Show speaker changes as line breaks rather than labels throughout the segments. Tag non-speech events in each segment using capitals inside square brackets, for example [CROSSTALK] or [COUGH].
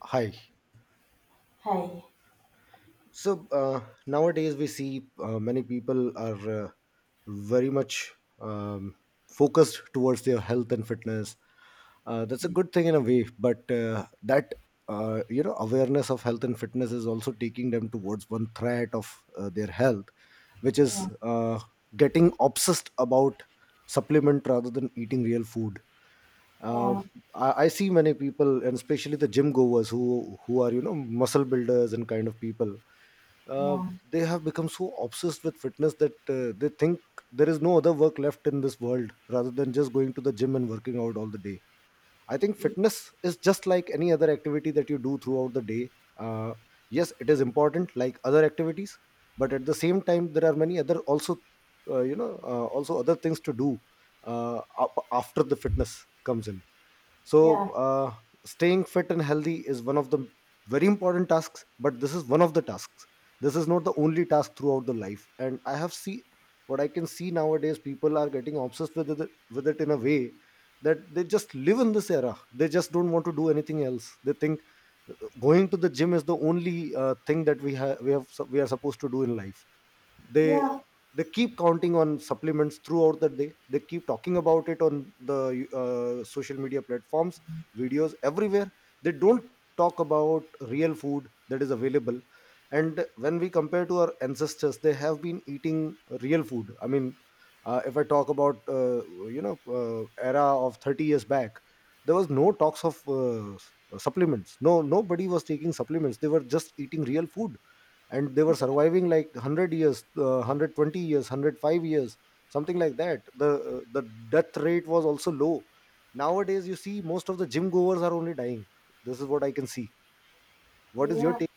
Hi.
Hi.
So nowadays we see many people are very much um, focused towards their health and fitness. That's a good thing in a way, but that you know awareness of health and fitness is also taking them towards one threat of their health, which is
Yeah,
getting obsessed about supplement rather than eating real food. Uh,
yeah,
I see many people, and especially the gym goers who are muscle builders and kind of people, uh, they have become so obsessed with fitness that they think there is no other work left in this world rather than just going to the gym and working out all the day. I think fitness is just like any other activity that you do throughout the day. Uh, yes, it is important like other activities, but at the same time, there are many other also, also other things to do after the fitness comes in. so
yeah,
uh, staying fit and healthy is one of the very important tasks, but this is one of the tasks. This is not the only task throughout the life, and I have seen, what I can see nowadays, people are getting obsessed with it in a way that they just live in this era. They just don't want to do anything else. They think, uh, going to the gym is the only thing that we are supposed to do in life.
yeah,
they
yeah,
they keep counting on supplements throughout the day. They keep talking about it on the social media platforms, videos, everywhere. They don't talk about real food that is available. And when we compare to our ancestors, they have been eating real food. I mean, if I talk about era of 30 years back, there was no talks of supplements. No, nobody was taking supplements. They were just eating real food, and they were surviving like 100 years, 120 years, 105 years, something like that. The death rate was also low. Nowadays you see most of the gym goers are only dying. This is what I can see. What is your
yeah.
take?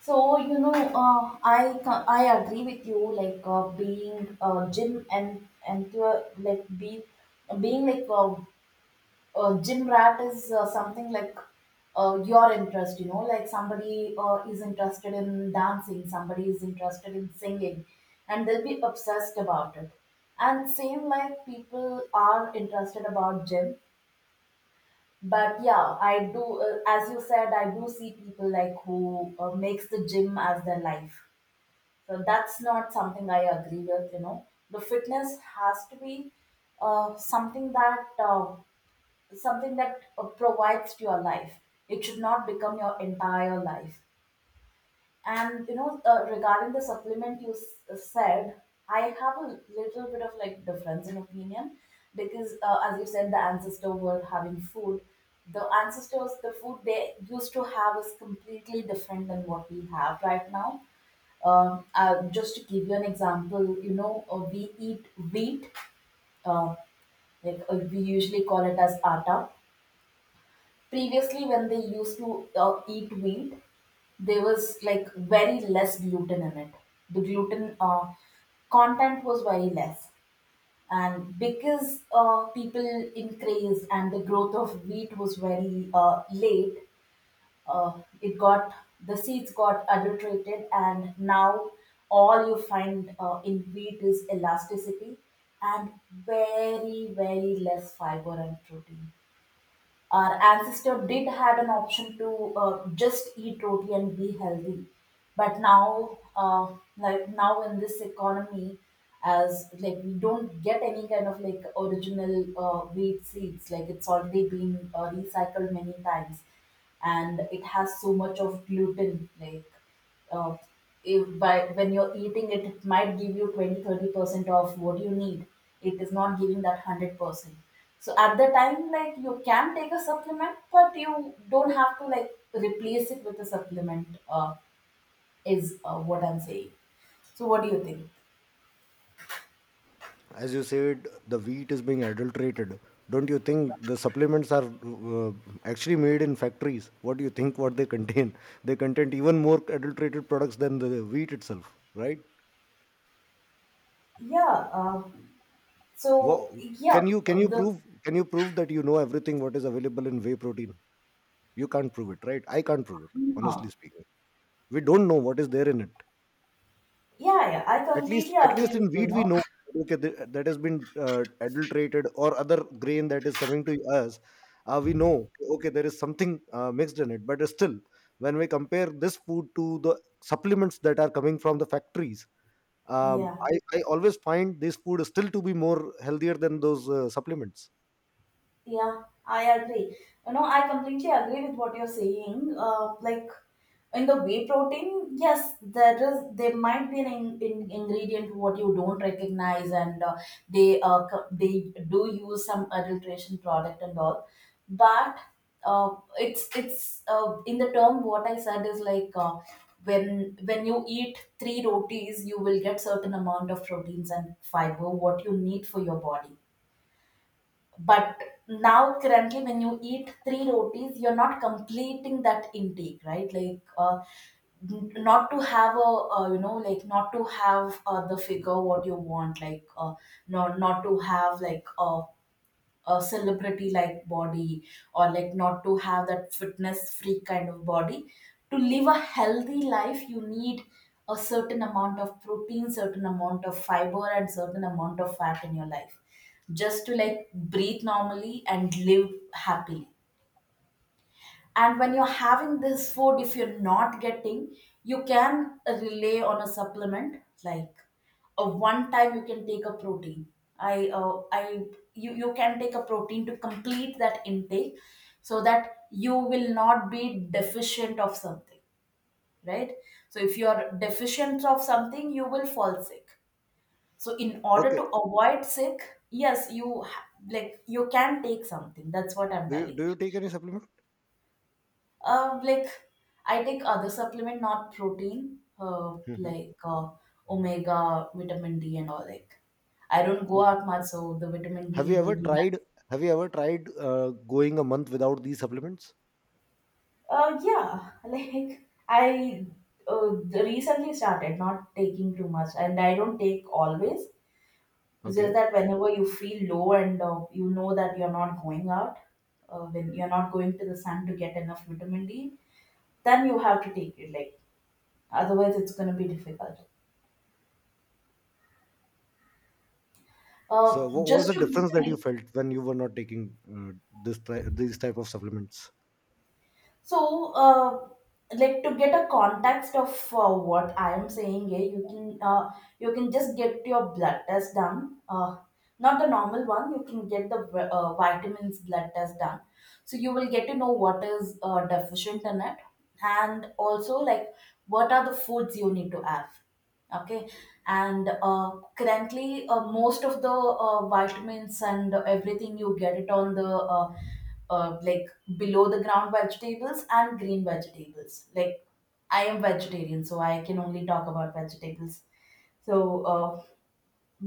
So you know, I I agree with you. Like being gym and to, like be being like a gym rat is something like your interest. You know, like somebody is interested in dancing, somebody is interested in singing, and they'll be obsessed about it. And same like people are interested about gym. But yeah, I do, as you said, I do see people like who makes the gym as their life. So that's not something I agree with, you know. The fitness has to be something that provides to your life. It should not become your entire life. And you know, regarding the supplement you said, I have a little bit of like difference in opinion because, as you said, the ancestor were having food. The ancestors, the food they used to have is completely different than what we have right now. Just to give you an example, you know, we eat wheat, uh, like we usually call it as atta. Previously when they used to eat wheat, there was like very less gluten in it. The gluten content was very less. And because people increased and the growth of wheat was very late, uh, it got the seeds got adulterated. And now all you find in wheat is elasticity, and very, very less fiber and protein. Our ancestor did had an option to just eat roti and be healthy. But now, like now in this economy, as like we don't get any kind of like original wheat seeds. Like it's already been recycled many times, and it has so much of gluten. Like, uh, if by when you're eating it, it might give you 20, 30% of what you need. It is not giving that 100%. So at the time, like you can take a supplement, but you don't have to like replace it with a supplement is what I'm saying. So what do you think?
As you said, the wheat is being adulterated. Don't you think the supplements are, actually made in factories? What do you think what they contain? [LAUGHS] They contain even more adulterated products than the wheat itself, right?
Yeah.
Wha
So yeah,
can you can you
the
prove can you prove that you know everything what is available in whey protein? You can't prove it, right? I can't prove it, honestly
yeah,
speaking. We don't know what is there in it.
yeah, I
At least,
completely
at least
agree with
in
you you
wheat, we
know
know, okay, that has been adulterated, or other grain that is coming to us. We know, okay, there is something mixed in it, but still, when we compare this food to the supplements that are coming from the factories, um,
[LAUGHS] Yeah.
I, I always find this food still to be more healthier than those supplements.
Yeah, I agree. You know, I completely agree with what you're saying. Like in the whey protein, yes, there might be an in ingredient what you don't recognize, and they do use some adulteration product and all, but uh, it's in the term what I said is like. When you eat three rotis, you will get certain amount of proteins and fiber what you need for your body. But now, currently, when you eat three rotis, you're not completing that intake, right? Like, not to have like not to have the figure what you want, like, not to have like a celebrity like body, or like not to have that fitness freak kind of body. To live a healthy life, you need a certain amount of protein, certain amount of fiber, and certain amount of fat in your life, just to like breathe normally and live happily. And when you're having this food, if you're not getting, you can rely on a supplement. Like, a one time you can take a protein. I You can take a protein to complete that intake, so that you will not be deficient of something, right? So if you are deficient of something, you will fall sick. So in order
Okay,
to avoid sick, yes, like you can take something. That's what I'm
do you
telling.
do you take any supplement?
Like I take other supplement, not protein, uh,
Hmm.
like uh, omega, vitamin D, and all. Like I don't go
Okay.
out much, so the vitamin
Have you
D
ever
will be less.
tried? Have you ever tried going a month without these supplements?
Yeah, [LAUGHS] like I uh, recently started not taking too much, and I don't take
Uh,
always. It's just
Okay.
that whenever you feel low and you know that you're not going out, when you're not going to the sun to get enough vitamin D, then you have to take it. Like otherwise, it's gonna be difficult.
So, what was
Just
the
to give you
difference
an
that you
idea,
felt when you were not taking these type of supplements?
so like to get a context of what I am saying here, you can just get your blood test done. Not the normal one. You can get the vitamins blood test done, so you will get to know what is deficient in it, and also like what are the foods you need to have. Okay. And currently, most of the vitamins and everything, you get it on the like below the ground vegetables and green vegetables. Like, I am vegetarian, so I can only talk about vegetables. So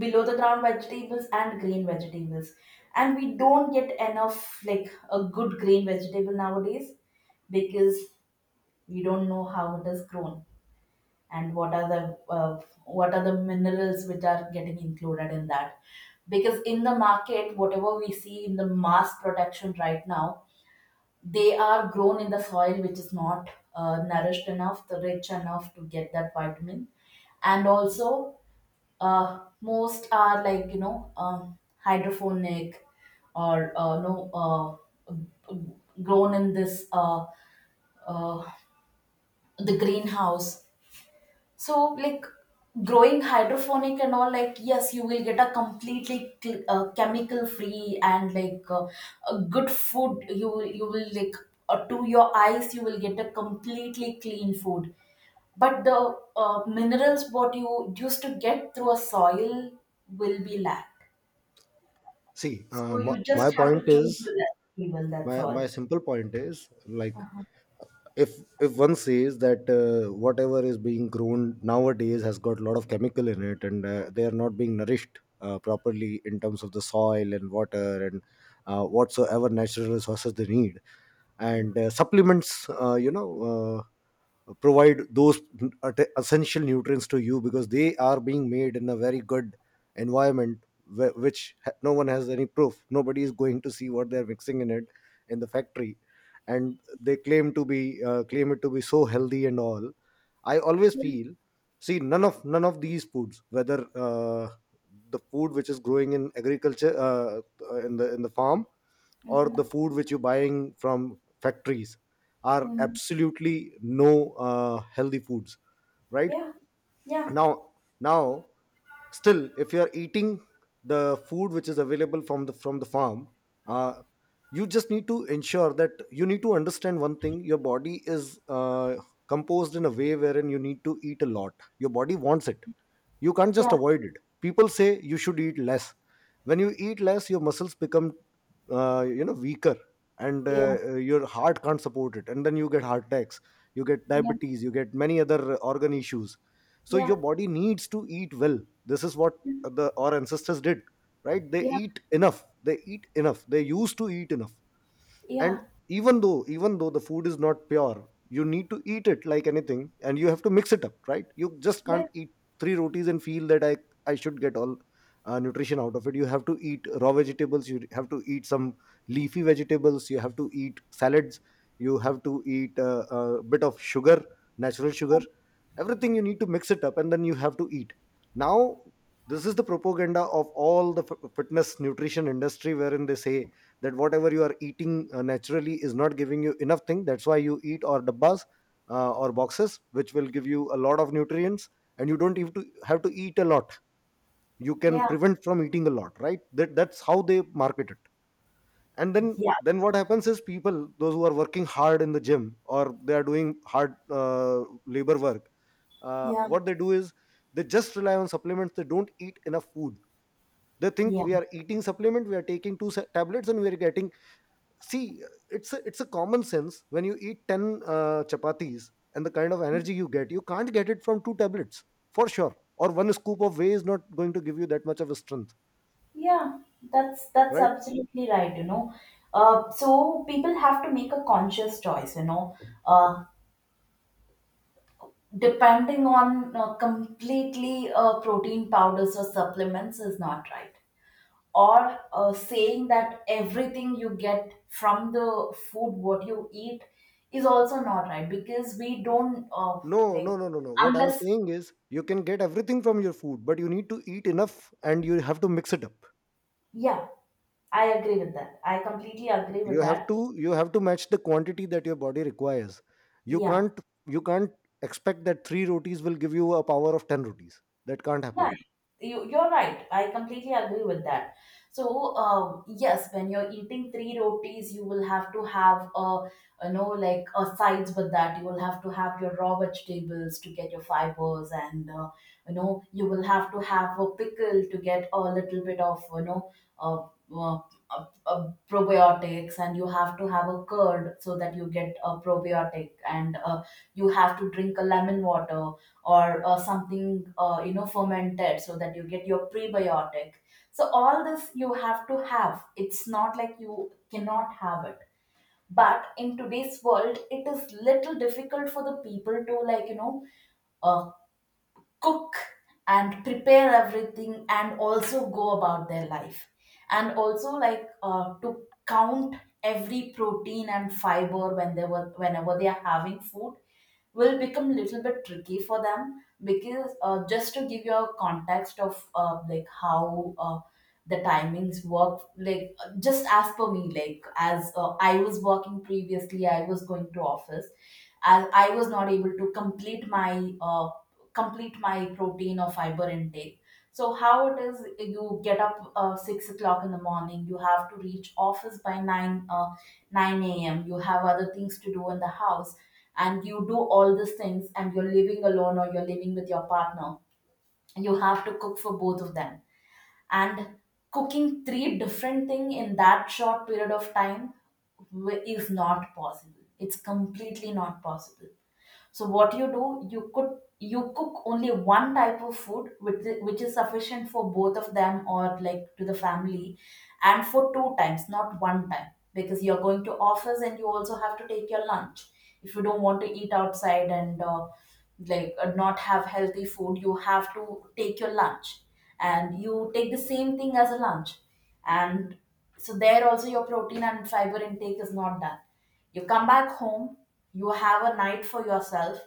below the ground vegetables and green vegetables. And we don't get enough like a good green vegetable nowadays, because we don't know how it is grown, and what are the minerals which are getting included in that. Because in the market, whatever we see in the mass production right now, they are grown in the soil which is not nourished enough, the rich enough to get that vitamin. And also, most are like, hydroponic, or no, uh, grown in this, uh, the greenhouse. So, like growing hydroponic and all, like, yes, you will get a completely chemical free and like a good food. You will like, to your eyes, you will get a completely clean food. But the minerals what you used to get through a soil will be lacked.
See, uh,
So
my,
you just
my
have
point
to choose
is,
your vegetable. That's
my
all.
simple point is like,
Uh-huh.
if one says that whatever is being grown nowadays has got a lot of chemical in it, and they are not being nourished properly in terms of the soil and water and whatsoever natural resources they need,
Yeah.
and supplements, provide those essential nutrients to you, because they are being made in a very good environment, no one has any proof, nobody is going to see what they're mixing in it in the factory, and they claim to be, claim it to be so healthy and all. I always
Yeah.
feel, see, none of these foods, whether the food which is growing in agriculture in the farm, or the
Mm-hmm.
food which you're buying from factories, are
Mm-hmm.
absolutely no healthy foods, right?
Yeah. Yeah.
Now now still if you are eating the food which is available from the farm, uh, you just need to ensure that you need to understand one thing. Your body is composed in a way wherein you need to eat a lot. Your body wants it. You can't just
Yeah.
avoid it. People say you should eat less. When you eat less, your muscles become weaker, and
Yeah.
your heart can't support it, and then you get heart attacks, you get diabetes, you get many other organ issues. So your
Yeah.
body needs to eat well. This is what
Yeah.
the our ancestors did, right? They
Yeah,
eat enough, they eat enough, they used to eat enough. And
yeah,
even though the food is not pure, you need to eat it like anything, and you have to mix it up, right? You just can't
yeah.
eat three rotis and feel that I should get all nutrition out of it. You have to eat raw vegetables, you have to eat some leafy vegetables, you have to eat salads, you have to eat a bit of sugar, natural sugar. Everything you need to mix it up, and then you have to eat. Now, this is the propaganda of all the fitness nutrition industry wherein they say that whatever you are eating naturally is not giving you enough thing. That's why you eat or dabbas, or boxes, which will give you a lot of nutrients, and you don't even to have to eat a lot, you can
Yeah,
prevent from eating a lot, right? That's how they market it. And then
yeah,
then what happens is, people those who are working hard in the gym or they are doing hard labor work,
yeah,
what they do is, they just rely on supplements, they don't eat enough food. They think,
yeah,
we are eating supplement, we are taking two tablets and we are getting. See, it's a common sense. When you eat 10 chapatis and the kind of energy you get, you can't get it from two tablets for sure. Or one scoop of whey is not going to give you that much of a strength,
yeah. That's
right?
absolutely right. So people have to make a conscious choice. Uh, Depending on completely protein powders or supplements is not right. Or saying that everything you get from the food, what you eat, is also not right because we don't,
No, no,
like,
no, no, no, what I'm
unless,
saying is you can get everything from your food, but you need to eat enough and you have to mix it up.
yeah, I agree with that. I completely agree with
you have
that.
to you have to match the quantity that your body requires. you
Yeah.
can't you can't expect that 3 rotis will give you a power of 10 rotis. That can't happen.
Yeah, you're right. I completely agree with that. So, yes, when you're eating three rotis, you will have to have like a sides with that. You will have to have your raw vegetables to get your fibers, and you will have to have a pickle to get a little bit of, uh, uh, probiotics, and you have to have a curd so that you get a probiotic, and you have to drink a lemon water, or something fermented so that you get your prebiotic. So all this you have to have. It's not like you cannot have it, but in today's world it is little difficult for the people to like, cook and prepare everything and also go about their life, and also like, to count every protein and fiber whenever they are having food, will become a little bit tricky for them. Because just to give you a context of like how, the timings work. Like, just as per me, like, as I was working previously, I was going to office. As I was not able to complete my protein or fiber intake. So how it is, you get up 6 o'clock in the morning, you have to reach office by nine a.m. You have other things to do in the house, and you do all these things, and you're living alone or you're living with your partner. You have to cook for both of them, and cooking three different thing in that short period of time is not possible. It's completely not possible. So what you do, you cook only one type of food which is sufficient for both of them, or like to the family, and for two times, not one time, because you're going to office and you also have to take your lunch. If you don't want to eat outside and not have healthy food, you have to take your lunch, and you take the same thing as a lunch. And so there also your protein and fiber intake is not done. You come back home, you have a night for yourself,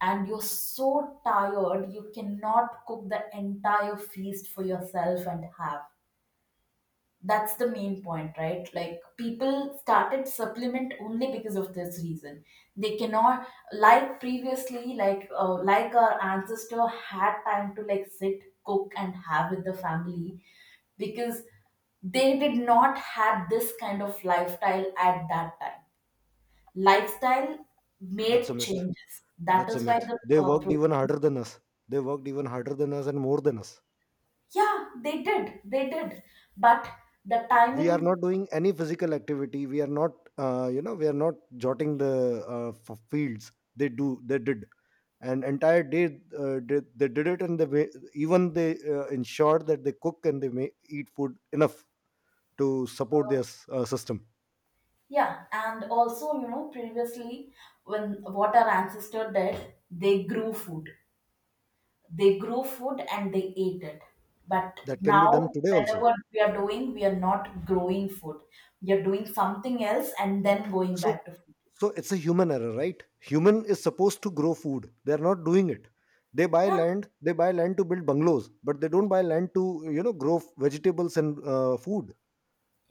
and you're so tired you cannot cook the entire feast for yourself and have. That's the main point, right? Like people started supplement only because of this reason. They cannot like previously, like our ancestor had time to like sit, cook, and have with the family because they did not have this kind of lifestyle at that time. Lifestyle
That's a
made
myth.
changes. That
That's a
is why
myth.
the
They
uh,
worked even
proteins,
harder than us. They worked even harder than us and more than us.
yeah, they did. But the
We are
timing,
not doing any physical activity. We are not jotting the fields. They do. They did. And entire day, they did it, and even they ensured that they cook and they may eat food enough to support their
uh,
system.
yeah, and also, you know, previously when what our ancestor did, they grew food. They grew food and they ate it. But
That can be done
now,
today also.
whenever we are doing, we are not growing food. We are doing something else and then going
so
back to food.
so it's a human error, right? Human is supposed to grow food, they are not doing it. They buy
Yeah,
land, to build bungalows, but they don't buy land to grow vegetables and food.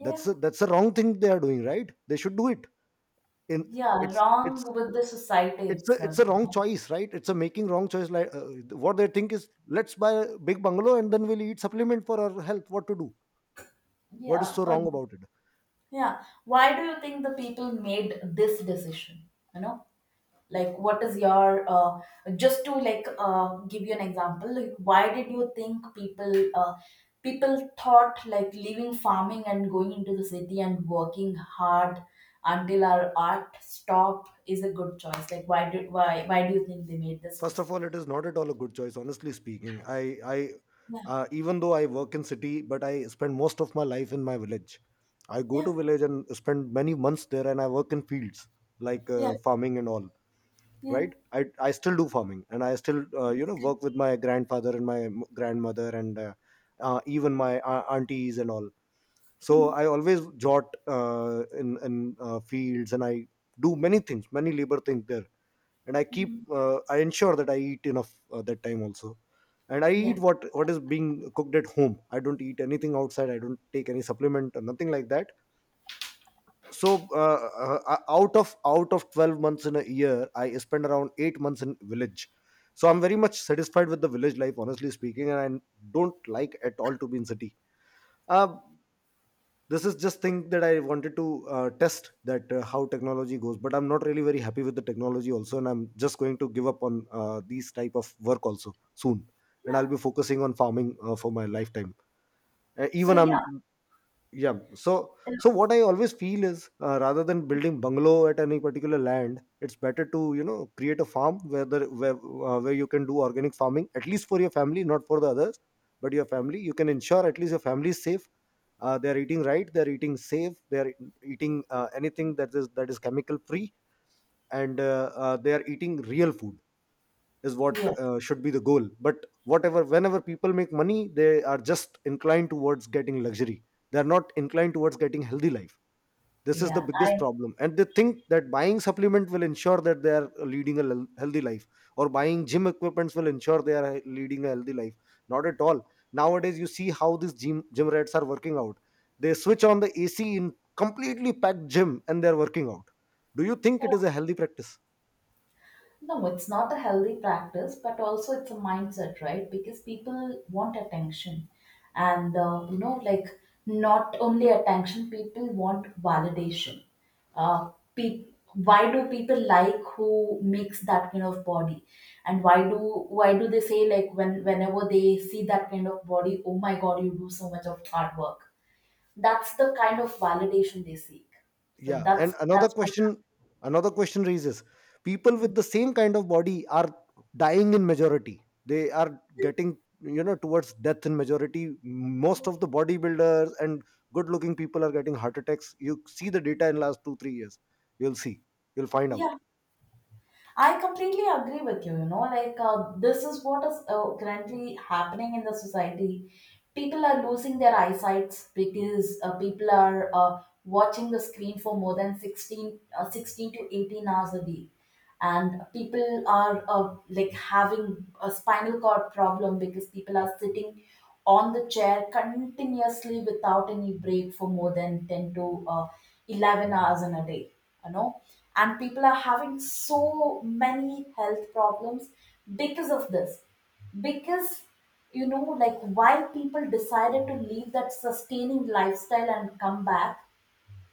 that's a, that's a wrong thing they are doing, right? They should do it. in
yeah,
it's it's
wrong with the society
it's a it's
itself.
a wrong choice, right? It's a making wrong choice. Like, what they think is, let's buy a big bungalow, and then we'll eat supplement for our health. What to do? What is
Yeah,
so
uh,
wrong about it?
yeah. Why do you think the people made this decision? You know, like what is your just to like give you an example, like why did you think people thought like leaving farming and going into the city and working hard until our art stop is a good choice? Like why did why do you think they made this
First of all,
decision?
it is not at all a good choice, honestly speaking.
Yeah,
Even though I work in city, but I spend most of my life in my village. I go
yeah,
to village and spend many months there, and I work in fields like
yeah,
farming and all.
yeah.
Right? I still do farming, and I still
That's good.
work with my grandfather and grandmother and even my aunties and all. So I always jot in fields, and I do many things, many labor things there, and I ensure that I eat enough that time also, and I
Yeah,
eat what is being cooked at home. I don't eat anything outside. I don't take any supplement or nothing like that. So, out of 12 months in a year, I spend around 8 months in village. So I'm very much satisfied with the village life, honestly speaking, and I don't like at all to be in city. Uh, this is just thing that I wanted to test that how technology goes, but I'm not really very happy with the technology also, and I'm just going to give up on these type of work also soon, and I'll
yeah.
be focusing on farming for my lifetime.
So
Even I'm
yeah,
Yeah. So what I always feel is, rather than building bungalow at any particular land, it's better to create a farm where the where you can do organic farming at least for your family, not for the others, but your family. You can ensure at least your family is safe. They are eating right. They are eating safe. They are eating anything that is chemical free, and they are eating real food is what
yeah,
should be the goal. But whatever, whenever people make money, they are just inclined towards getting luxury. They are not inclined towards getting healthy life. This is the
yeah.
biggest
I.
problem, and they think that buying supplement will ensure that they are leading a healthy life, or buying gym equipments will ensure they are leading a healthy life. Not at all. Nowadays you see how these gym rats are working out. They switch on the AC in completely packed gym, and they're working out. Do you think it is a healthy practice?
No, it's not a healthy practice, but also it's a mindset, right? Because people want attention. And, you know, like not only attention, people want validation. Uh, pe- why do people like who makes that kind of body? And why do they say like when whenever they see that kind of body, oh my God, you do so much of hard work. That's the kind of validation they seek. So
Yeah,
that's
and
that's what.
another question raises: people
Hmm.
with the same kind of body are dying in majority. They are getting, you know, towards death in majority. Most of the bodybuilders and good-looking people are getting heart attacks. You see the data in last two three years. You'll see. You'll find out
Yeah, I completely agree with you. You know, like this is what is currently happening in the society. People are losing their eyesights because people are watching the screen for more than 16 to 18 hours a day, and people are like having a spinal cord problem because people are sitting on the chair continuously without any break for more than 10 to 11 hours in a day, you know, and people are having so many health problems because of this, because you know, like while people decided to leave that sustaining lifestyle and come back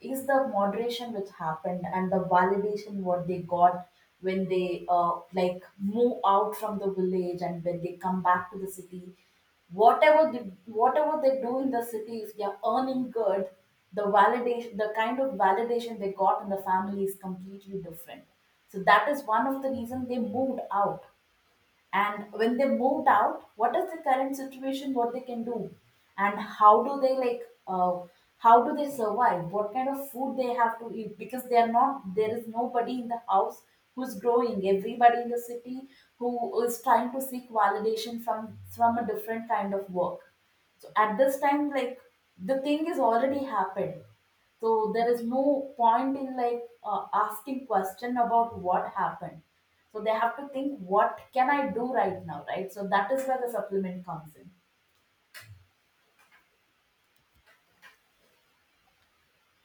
is the moderation which happened, and the validation what they got when they like move out from the village and when they come back to the city, whatever whatever they do in the city, if they are earning good, the validation, the kind of validation they got in the family is completely different. So that is one of the reason they moved out. And when they moved out, what is the current situation, what they can do, and how do they like how do they survive, what kind of food they have to eat, because they are not, there is nobody in the house who's growing, everybody in the city who is trying to seek validation from a different kind of work. So at this time, like, the thing is already happened, so there is no point in like asking question about what happened. So they have to think what can I do right now, right? So that is where the supplement comes in.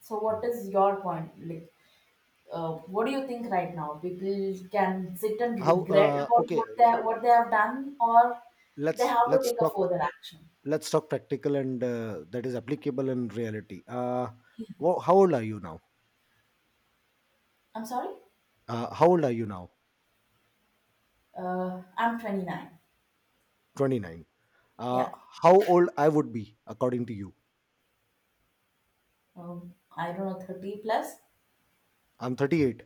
So what is your point? Like, what do you think right now? People can sit and
how.
regret about
Okay,
what they have done, or
let's
they have to
let's
take a
talk.
further action.
Let's talk practical and that is applicable in reality. How old are you now?
I'm sorry.
How old are you now?
I'm 29.
29, uh,
Yeah.
how old I would be according to you.
I don't know, 30 plus.
I'm 38,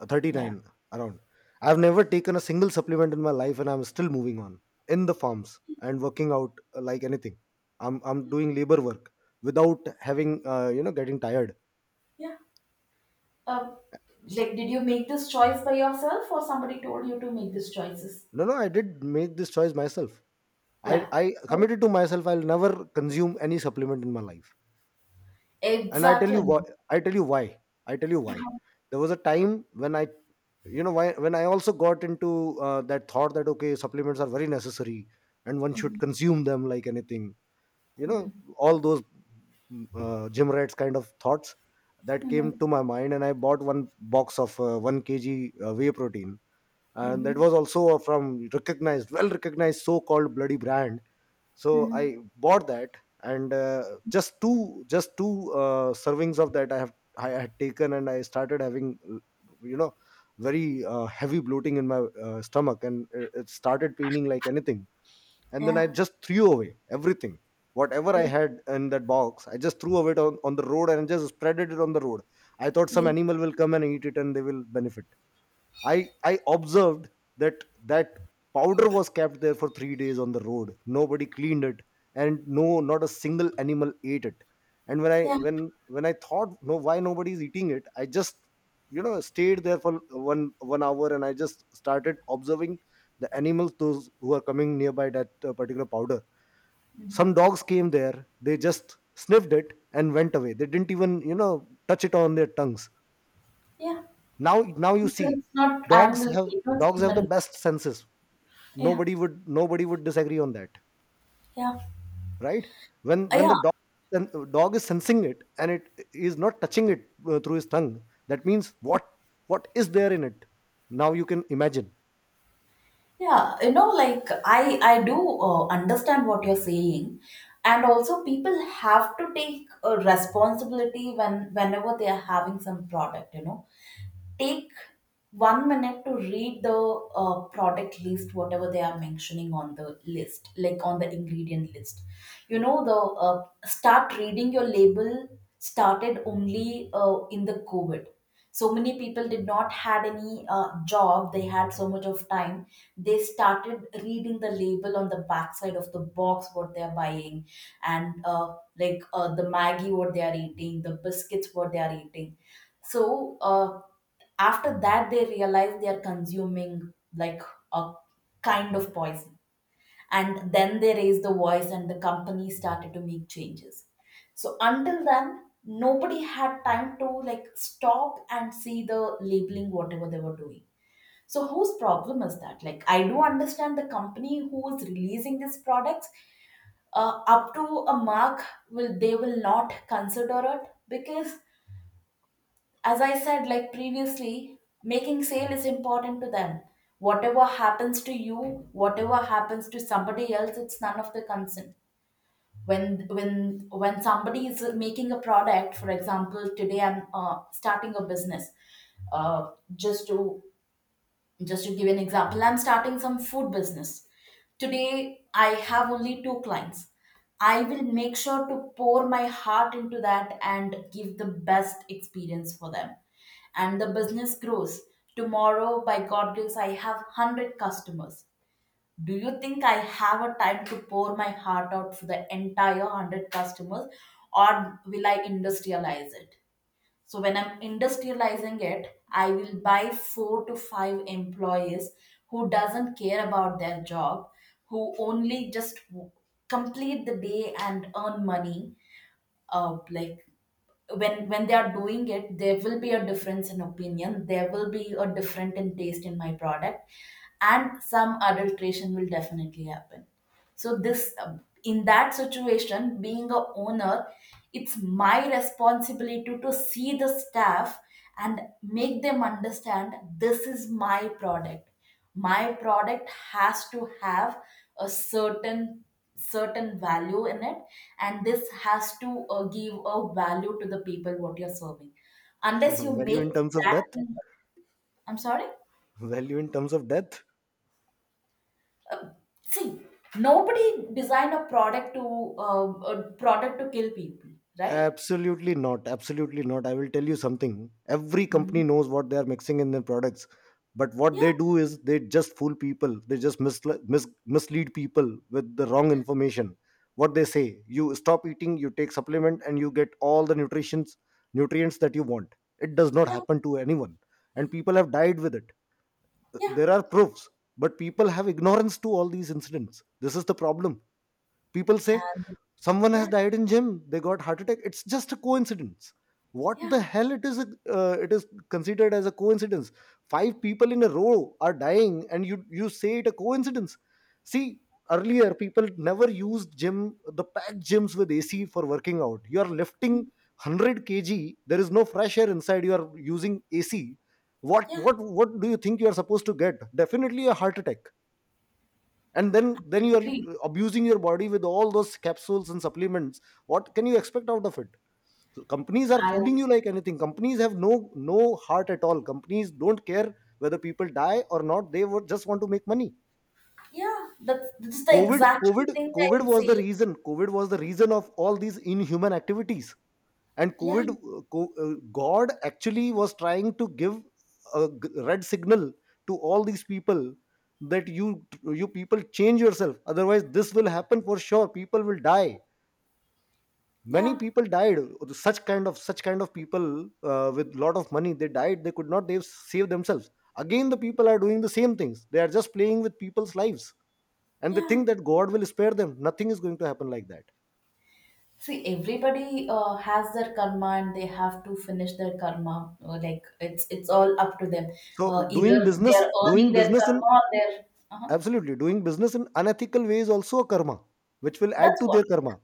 Yeah.
39 around. I've never taken a single supplement in my life, and I'm still moving on in the farms and working out like anything. I'm doing labor work without having, getting tired.
Yeah. Uh, like, did you make this choice by yourself, or somebody told you to make these choices?
No, no, I did make this choice myself. I
Yeah.
I
So
committed to myself I'll never consume any supplement in my life. And I tell you
exactly.
why. I tell you why. I tell you why. There was a time when I, you know, why when I also got into that thought that okay, supplements are very necessary and one
Mm-hmm.
should consume them like anything, you know, all those gym rats kind of thoughts that came
Mm-hmm.
to my mind, and I bought one box of 1 kg whey protein, and that
Mm-hmm.
was also from recognized well recognized so called bloody brand. So
Mm-hmm.
I bought that, and just two servings of that I had taken, and I started having, you know, very heavy bloating in my stomach, and it started paining like anything. And then I
Yeah.
just threw away everything whatever I
Yeah.
had in that box. I just threw away it on the road, and just spreaded it on the road. I thought some
Yeah.
animal will come and eat it and they will benefit. I observed that that powder was kept there for 3 days on the road. Nobody cleaned it, and no, not a single animal ate it. And when I
Yeah.
when I thought no, why nobody is eating it, I just, you know, stayed there for one hour, and I just started observing the animals those who are coming nearby that particular powder.
Mm-hmm.
Some dogs came there, they just sniffed it and went away. They didn't even, you know, touch it on their tongues.
Yeah.
Now, now you see,
Because it's not
dogs
animal,
have
it's not
dogs have the
human.
best senses.
Yeah,
Nobody would disagree on that,
yeah,
right? When the
Yeah,
dog dog is sensing it and it is not touching it through his tongue, that means
yeah,
what? What is there in it? Now you can imagine.
yeah. You know, like I do understand what you're saying, and also people have to take a responsibility when whenever they are having some product. You know, take 1 minute to read the product list whatever they are mentioning on the list, like on the ingredient list, you know, the start reading your label started only in the covid. So many people did not had any job, they had so much of time, they started reading the label on the backside of the box what they are buying, and like the maggie what they are eating, the biscuits what they are eating. So after that, they realize they are consuming like a kind of poison. And then they raised the voice, and the company started to make changes. So until then, nobody had time to like stop and see the labeling whatever they were doing. So whose problem is that? Like I do understand the company who is releasing these products up to a mark, will, they will not consider it because as I said, like previously, making sale is important to them. Whatever happens to you, whatever happens to somebody else, it's none of the concern. When somebody is making a product, for example, today I'm starting a business, uh, just to just to give an example, I'm starting some food business. Today, I have only 2 clients. I will make sure to pour my heart into that and give the best experience for them. And the business grows. Tomorrow, by God grace, I have 100 customers. Do you think I have a time to pour my heart out for the entire 100 customers, or will I industrialize it? So when I'm industrializing it, I will buy 4 to 5 employees who doesn't care about their job, who complete the day and earn money, like when they are doing it, there will be a difference in opinion, there will be a different in taste in my product, and some adulteration will definitely happen. So this in that situation, being a owner, it's my responsibility to see the staff and make them understand this is my product, my product has to have a certain value in it, and this has to give a value to the people what you're serving, unless
[LAUGHS]
you
Value
make
in terms of
that
death.
thing- I'm sorry.
Value in terms of death.
uh, See, nobody design uh, a product to kill people, right?
Absolutely not. Absolutely not. I will tell you something. Every company
Mhm.
knows what they are mixing in their products. But what
Yeah,
they do is they just fool people. They just mislead people with the wrong information. What they say, you stop eating, you take supplement, and you get all the nutritions, nutrients that you want. It does not
yeah,
happen to anyone. And people have died with it.
yeah,
There are proofs, but people have ignorance to all these incidents. This is the problem. People say
and
someone has
yeah,
died in gym, they got heart attack. It's just a coincidence. What the
yeah,
hell it is, considered as a coincidence. Five people in a row are dying, and you say it a coincidence. See, earlier people never used gym, the packed gyms with AC for working out. You are lifting 100 kg, there is no fresh air inside, you are using AC. what
yeah,
what what do you think you are supposed to get? Definitely a heart attack. And then
I
then you
agree.
are abusing your body with all those capsules and supplements. What can you expect out of it? So companies are
I
fooling you like anything. Companies have no heart at all. Companies don't care whether people die or not. They would just want to make money.
yeah, that's the
covid
exact
covid
thing I
covid
am
was the
saying.
reason. Covid was the reason of all these inhuman activities. And
Yeah,
covid, god actually was trying to give a red signal to all these people, that you people change yourself, otherwise this will happen for sure, people will die. Many
yeah,
people died. Such kind of people with lot of money, they died. They could not they save themselves. Again the people are doing the same things. They are just playing with people's lives, and they
yeah.
think that god will spare them. Nothing is going to happen like that.
See, everybody has their karma and they have to finish their karma. Like it's all up to them.
So
Either
doing
they
business,
are
doing
earning their
business in…
karma or they're. Uh-huh.
Absolutely. Doing business in unethical way is also a karma, which will add
That's
to
what.
their
Like,
karma.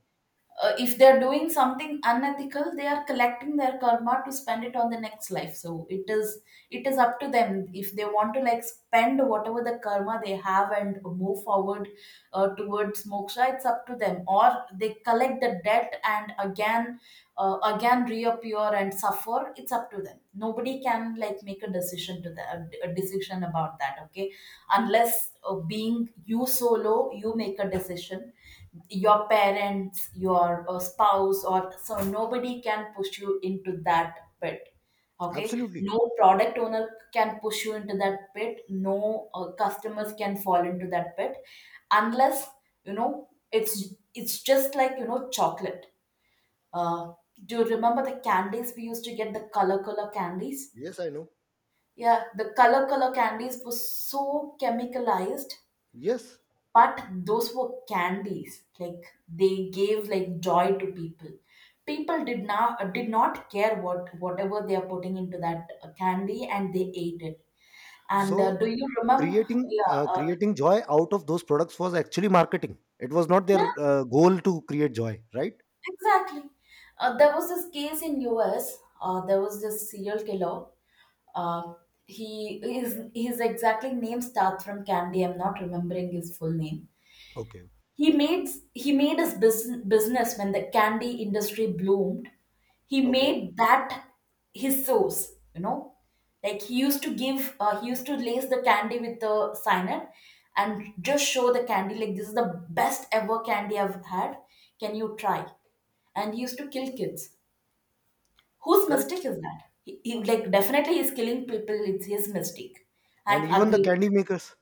if they are doing something unethical, they are collecting their karma to spend it on the next life. So it is up to them, if they want to like spend whatever the karma they have and move forward towards moksha, it's up to them, or they collect the debt and again again reappear and suffer. It's up to them, nobody can like make a decision to that, a decision about that, okay, unless being you solo you make a decision, your parents, your spouse, or so nobody can push you into that pit. Okay,
Absolutely.
no product owner can push you into that pit. No customers can fall into that pit, unless you know, it's just like you know chocolate. Uh, do you remember the candies we used to get, the color color candies?
Yes, I know.
Yeah, the color color candies were so chemicalized,
Yes.
but those were candies like they gave like joy to people, people did not care what whatever they are putting into that candy, and they ate it. And
So
do you remember?
creating,
Yeah, uh,
joy out of those products was actually marketing. It was not their
yeah,
goal to create joy, right?
exactly. There was this case in US. There was this serial killer. Uh, he his exactly name starts from Candy. I'm not remembering his full name.
Okay.
He made he made his business when the candy industry bloomed. He
Okay,
made that his source, you know. Like he used to give, he used to lace the candy with the cyanide and just show the candy like this is the best ever candy I've had. Can you try? And he used to kill kids. Whose
correct.
mistake is that? Like definitely he's killing people. It's his mistake.
And
I
even the
agree.
candy makers.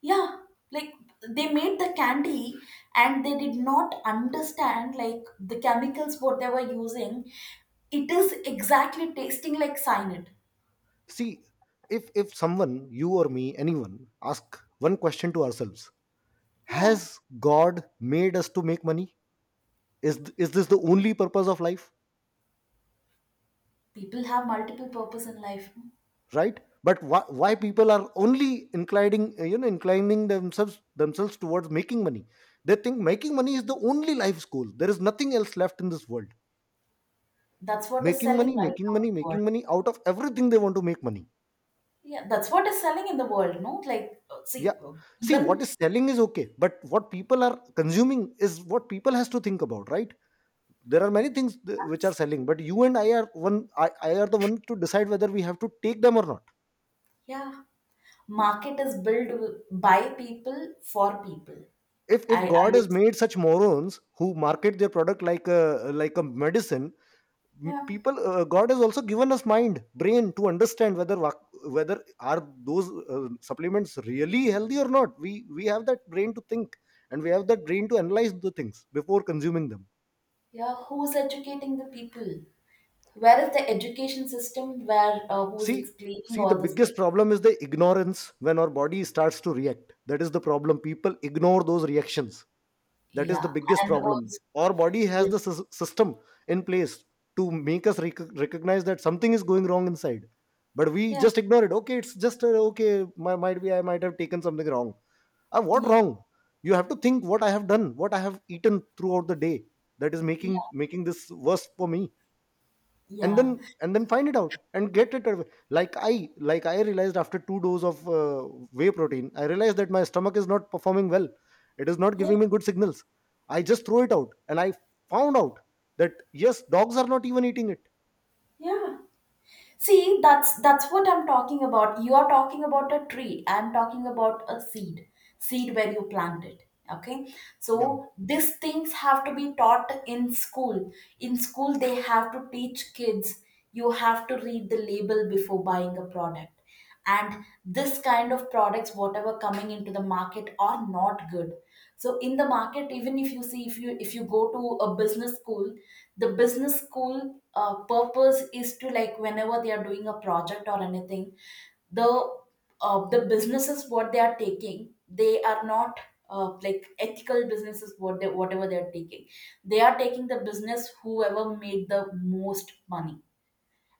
Yeah, like they made the candy, and they did not understand like the chemicals what they were using, it is exactly tasting like cyanide.
See, if someone, you or me, anyone, ask one question to ourselves:
Yeah,
Has God made us to make money? Is this the only purpose of life?
people have multiple purpose in life.
Right, but why people are only inclining inclining themselves towards making money? They think making money is the only life's goal. There is nothing else left in this world.
That's what is
Making
selling
money,
right now
making
in
money,
the world.
making money out of everything. They want to make money.
Yeah, that's what is selling in the world. No, like uh, see
Yeah,
uh,
see, what
even
is selling is okay, but what people are consuming is what people has to think about, right? There are many things which are selling, but you and I are one. I are the one to decide whether we have to take them or not.
yeah, market is built by people for people.
If
I
god has
would say
made such morons who market their product like a medicine,
yeah,
people, god has also given us mind brain to understand whether are those supplements really healthy or not. We have that brain to think, and we have that brain to analyze the things before consuming them.
yeah, who's educating the people? Where is the education system where who's
see
explaining
See the
all these
biggest
things?
problem is the ignorance. When our body starts to react, that is the problem, people ignore those reactions. That is the
Yeah,
biggest
and
problem.
also,
Our body has
yeah,
the system in place to make us recognize that something is going wrong inside, but we
yeah,
just ignore it. Okay, it's just, okay, might be I might have taken something wrong. What
yeah,
wrong? You have to think what I have done, what I have eaten throughout the day, that is
yeah,
making this worse for me. And
yeah,
then find it out and get it away. Like i, like I realized after two doses of whey protein, I realized that my stomach is not performing well. It is not
yeah,
giving me good signals. I just throw it out, and I found out that yes, dogs are not even eating it.
yeah. See, that's what I'm talking about. You are talking about a tree. I'm talking about a seed, seed where you plant it. Okay,
Yeah,
so these things have to be taught in school. In school, they have to teach kids. You have to read the label before buying a product. And this kind of products whatever coming into the market are not good. So in the market, even if you see, if you go to a business school, the business school purpose is to, like, whenever they are doing a project or anything, the the businesses what they are taking, they are not like ethical businesses, what they whatever they are taking, they are taking the business whoever made the most money.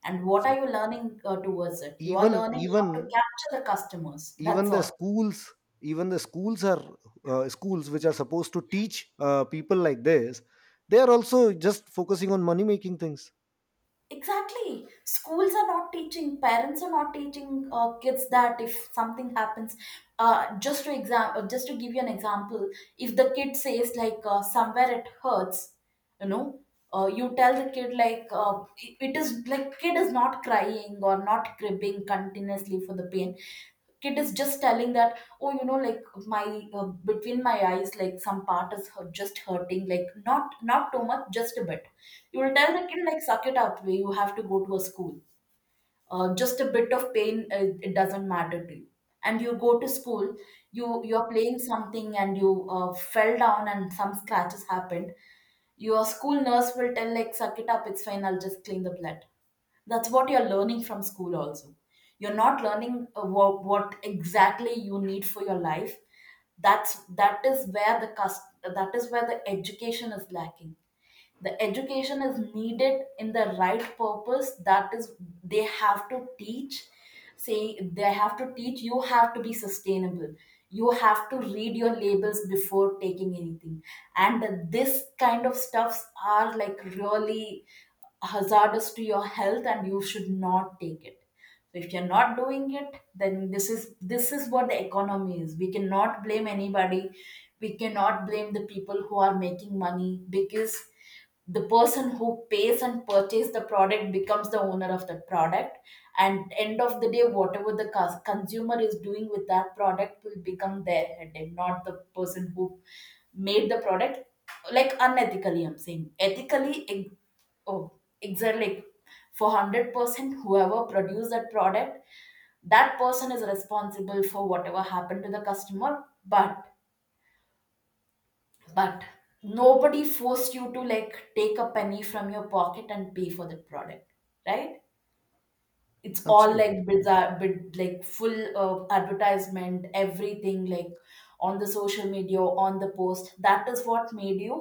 And what
so
are you learning towards it? You are
even
learning how to
even
capture the customers,
even
that's
the
all.
schools, even the schools are schools which are supposed to teach people like this, they are also just focusing on money making things.
Exactly. Schools are not teaching, parents are not teaching kids that if something happens, just to give you an example, if the kid says like, somewhere it hurts, you know, you tell the kid like, it is like, kid is not crying or not cribbing continuously for the pain, kid is just telling that, oh, you know, like my between my eyes like some part is hurt, just hurting, like not not too much, just a bit. You will tell the kid like, suck it up, way you have to go to a school. Just a bit of pain, it doesn't matter to you. And you go to school, you are playing something and you fell down and some scratches happened. Your school nurse will tell like, suck it up, it's fine, I'll just clean the blood. That's what you're learning from school also. You're not learning what exactly you need for your life. that's that is where the that is where the education is lacking. The education is needed in the right purpose. That is, they have to teach, saying they have to teach, you have to be sustainable, you have to read your labels before taking anything. And this kind of stuffs are like really hazardous to your health and you should not take it. So if you're not doing it, then this is, this is what the economy is. We cannot blame anybody, we cannot blame the people who are making money, because the person who pays and purchase the product becomes the owner of the product. And end of the day, whatever the consumer is doing with that product will become their headache, not the person who made the product. Like unethically, I'm saying ethically, oh exactly, like, for 100% whoever produced that product, that person is responsible for whatever happened to the customer. But but nobody forced you to, like, take a penny from your pocket and pay for that product, right? It's all
Absolutely.
like bizarre bit, like full advertisement, everything, like on the social media, on the post, that is what made you,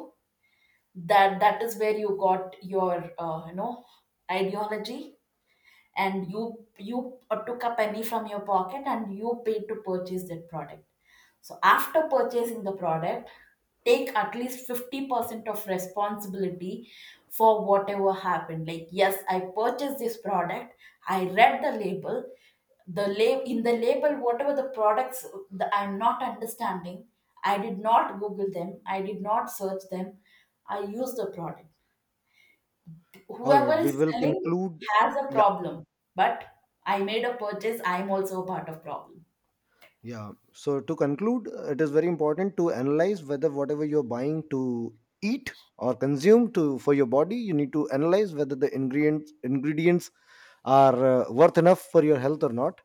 that is where you got your you know, ideology. And you took a penny from your pocket and you paid to purchase that product. So after purchasing the product, take at least 50% of responsibility for whatever happened. Like, yes, I purchased this product, I read the label, the lab in the label whatever the products that I'm not understanding, I did not google them, I did not search them, I used the product.
All
Whoever
right, we
is
will
selling
conclude.
has a
Yeah.
problem, but I made a purchase, I'm also a part of problem.
Yeah. So to conclude, it is very important to analyze whether whatever you're buying to eat or consume to for your body, you need to analyze whether the ingredients are worth enough for your health or not.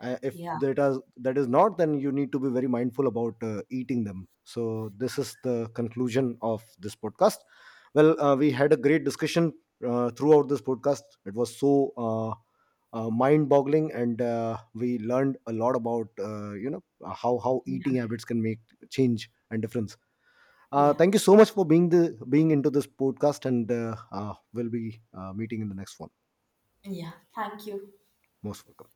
If
Yeah,
that is not, then you need to be very mindful about eating them. So this is the conclusion of this podcast. Well, we had a great discussion throughout this podcast. It was so mind boggling, and we learned a lot about, how eating
yeah,
habits can make change and difference.
yeah,
Thank you so much for being into this podcast, and we'll be meeting in the next one.
yeah, thank you.
Most welcome.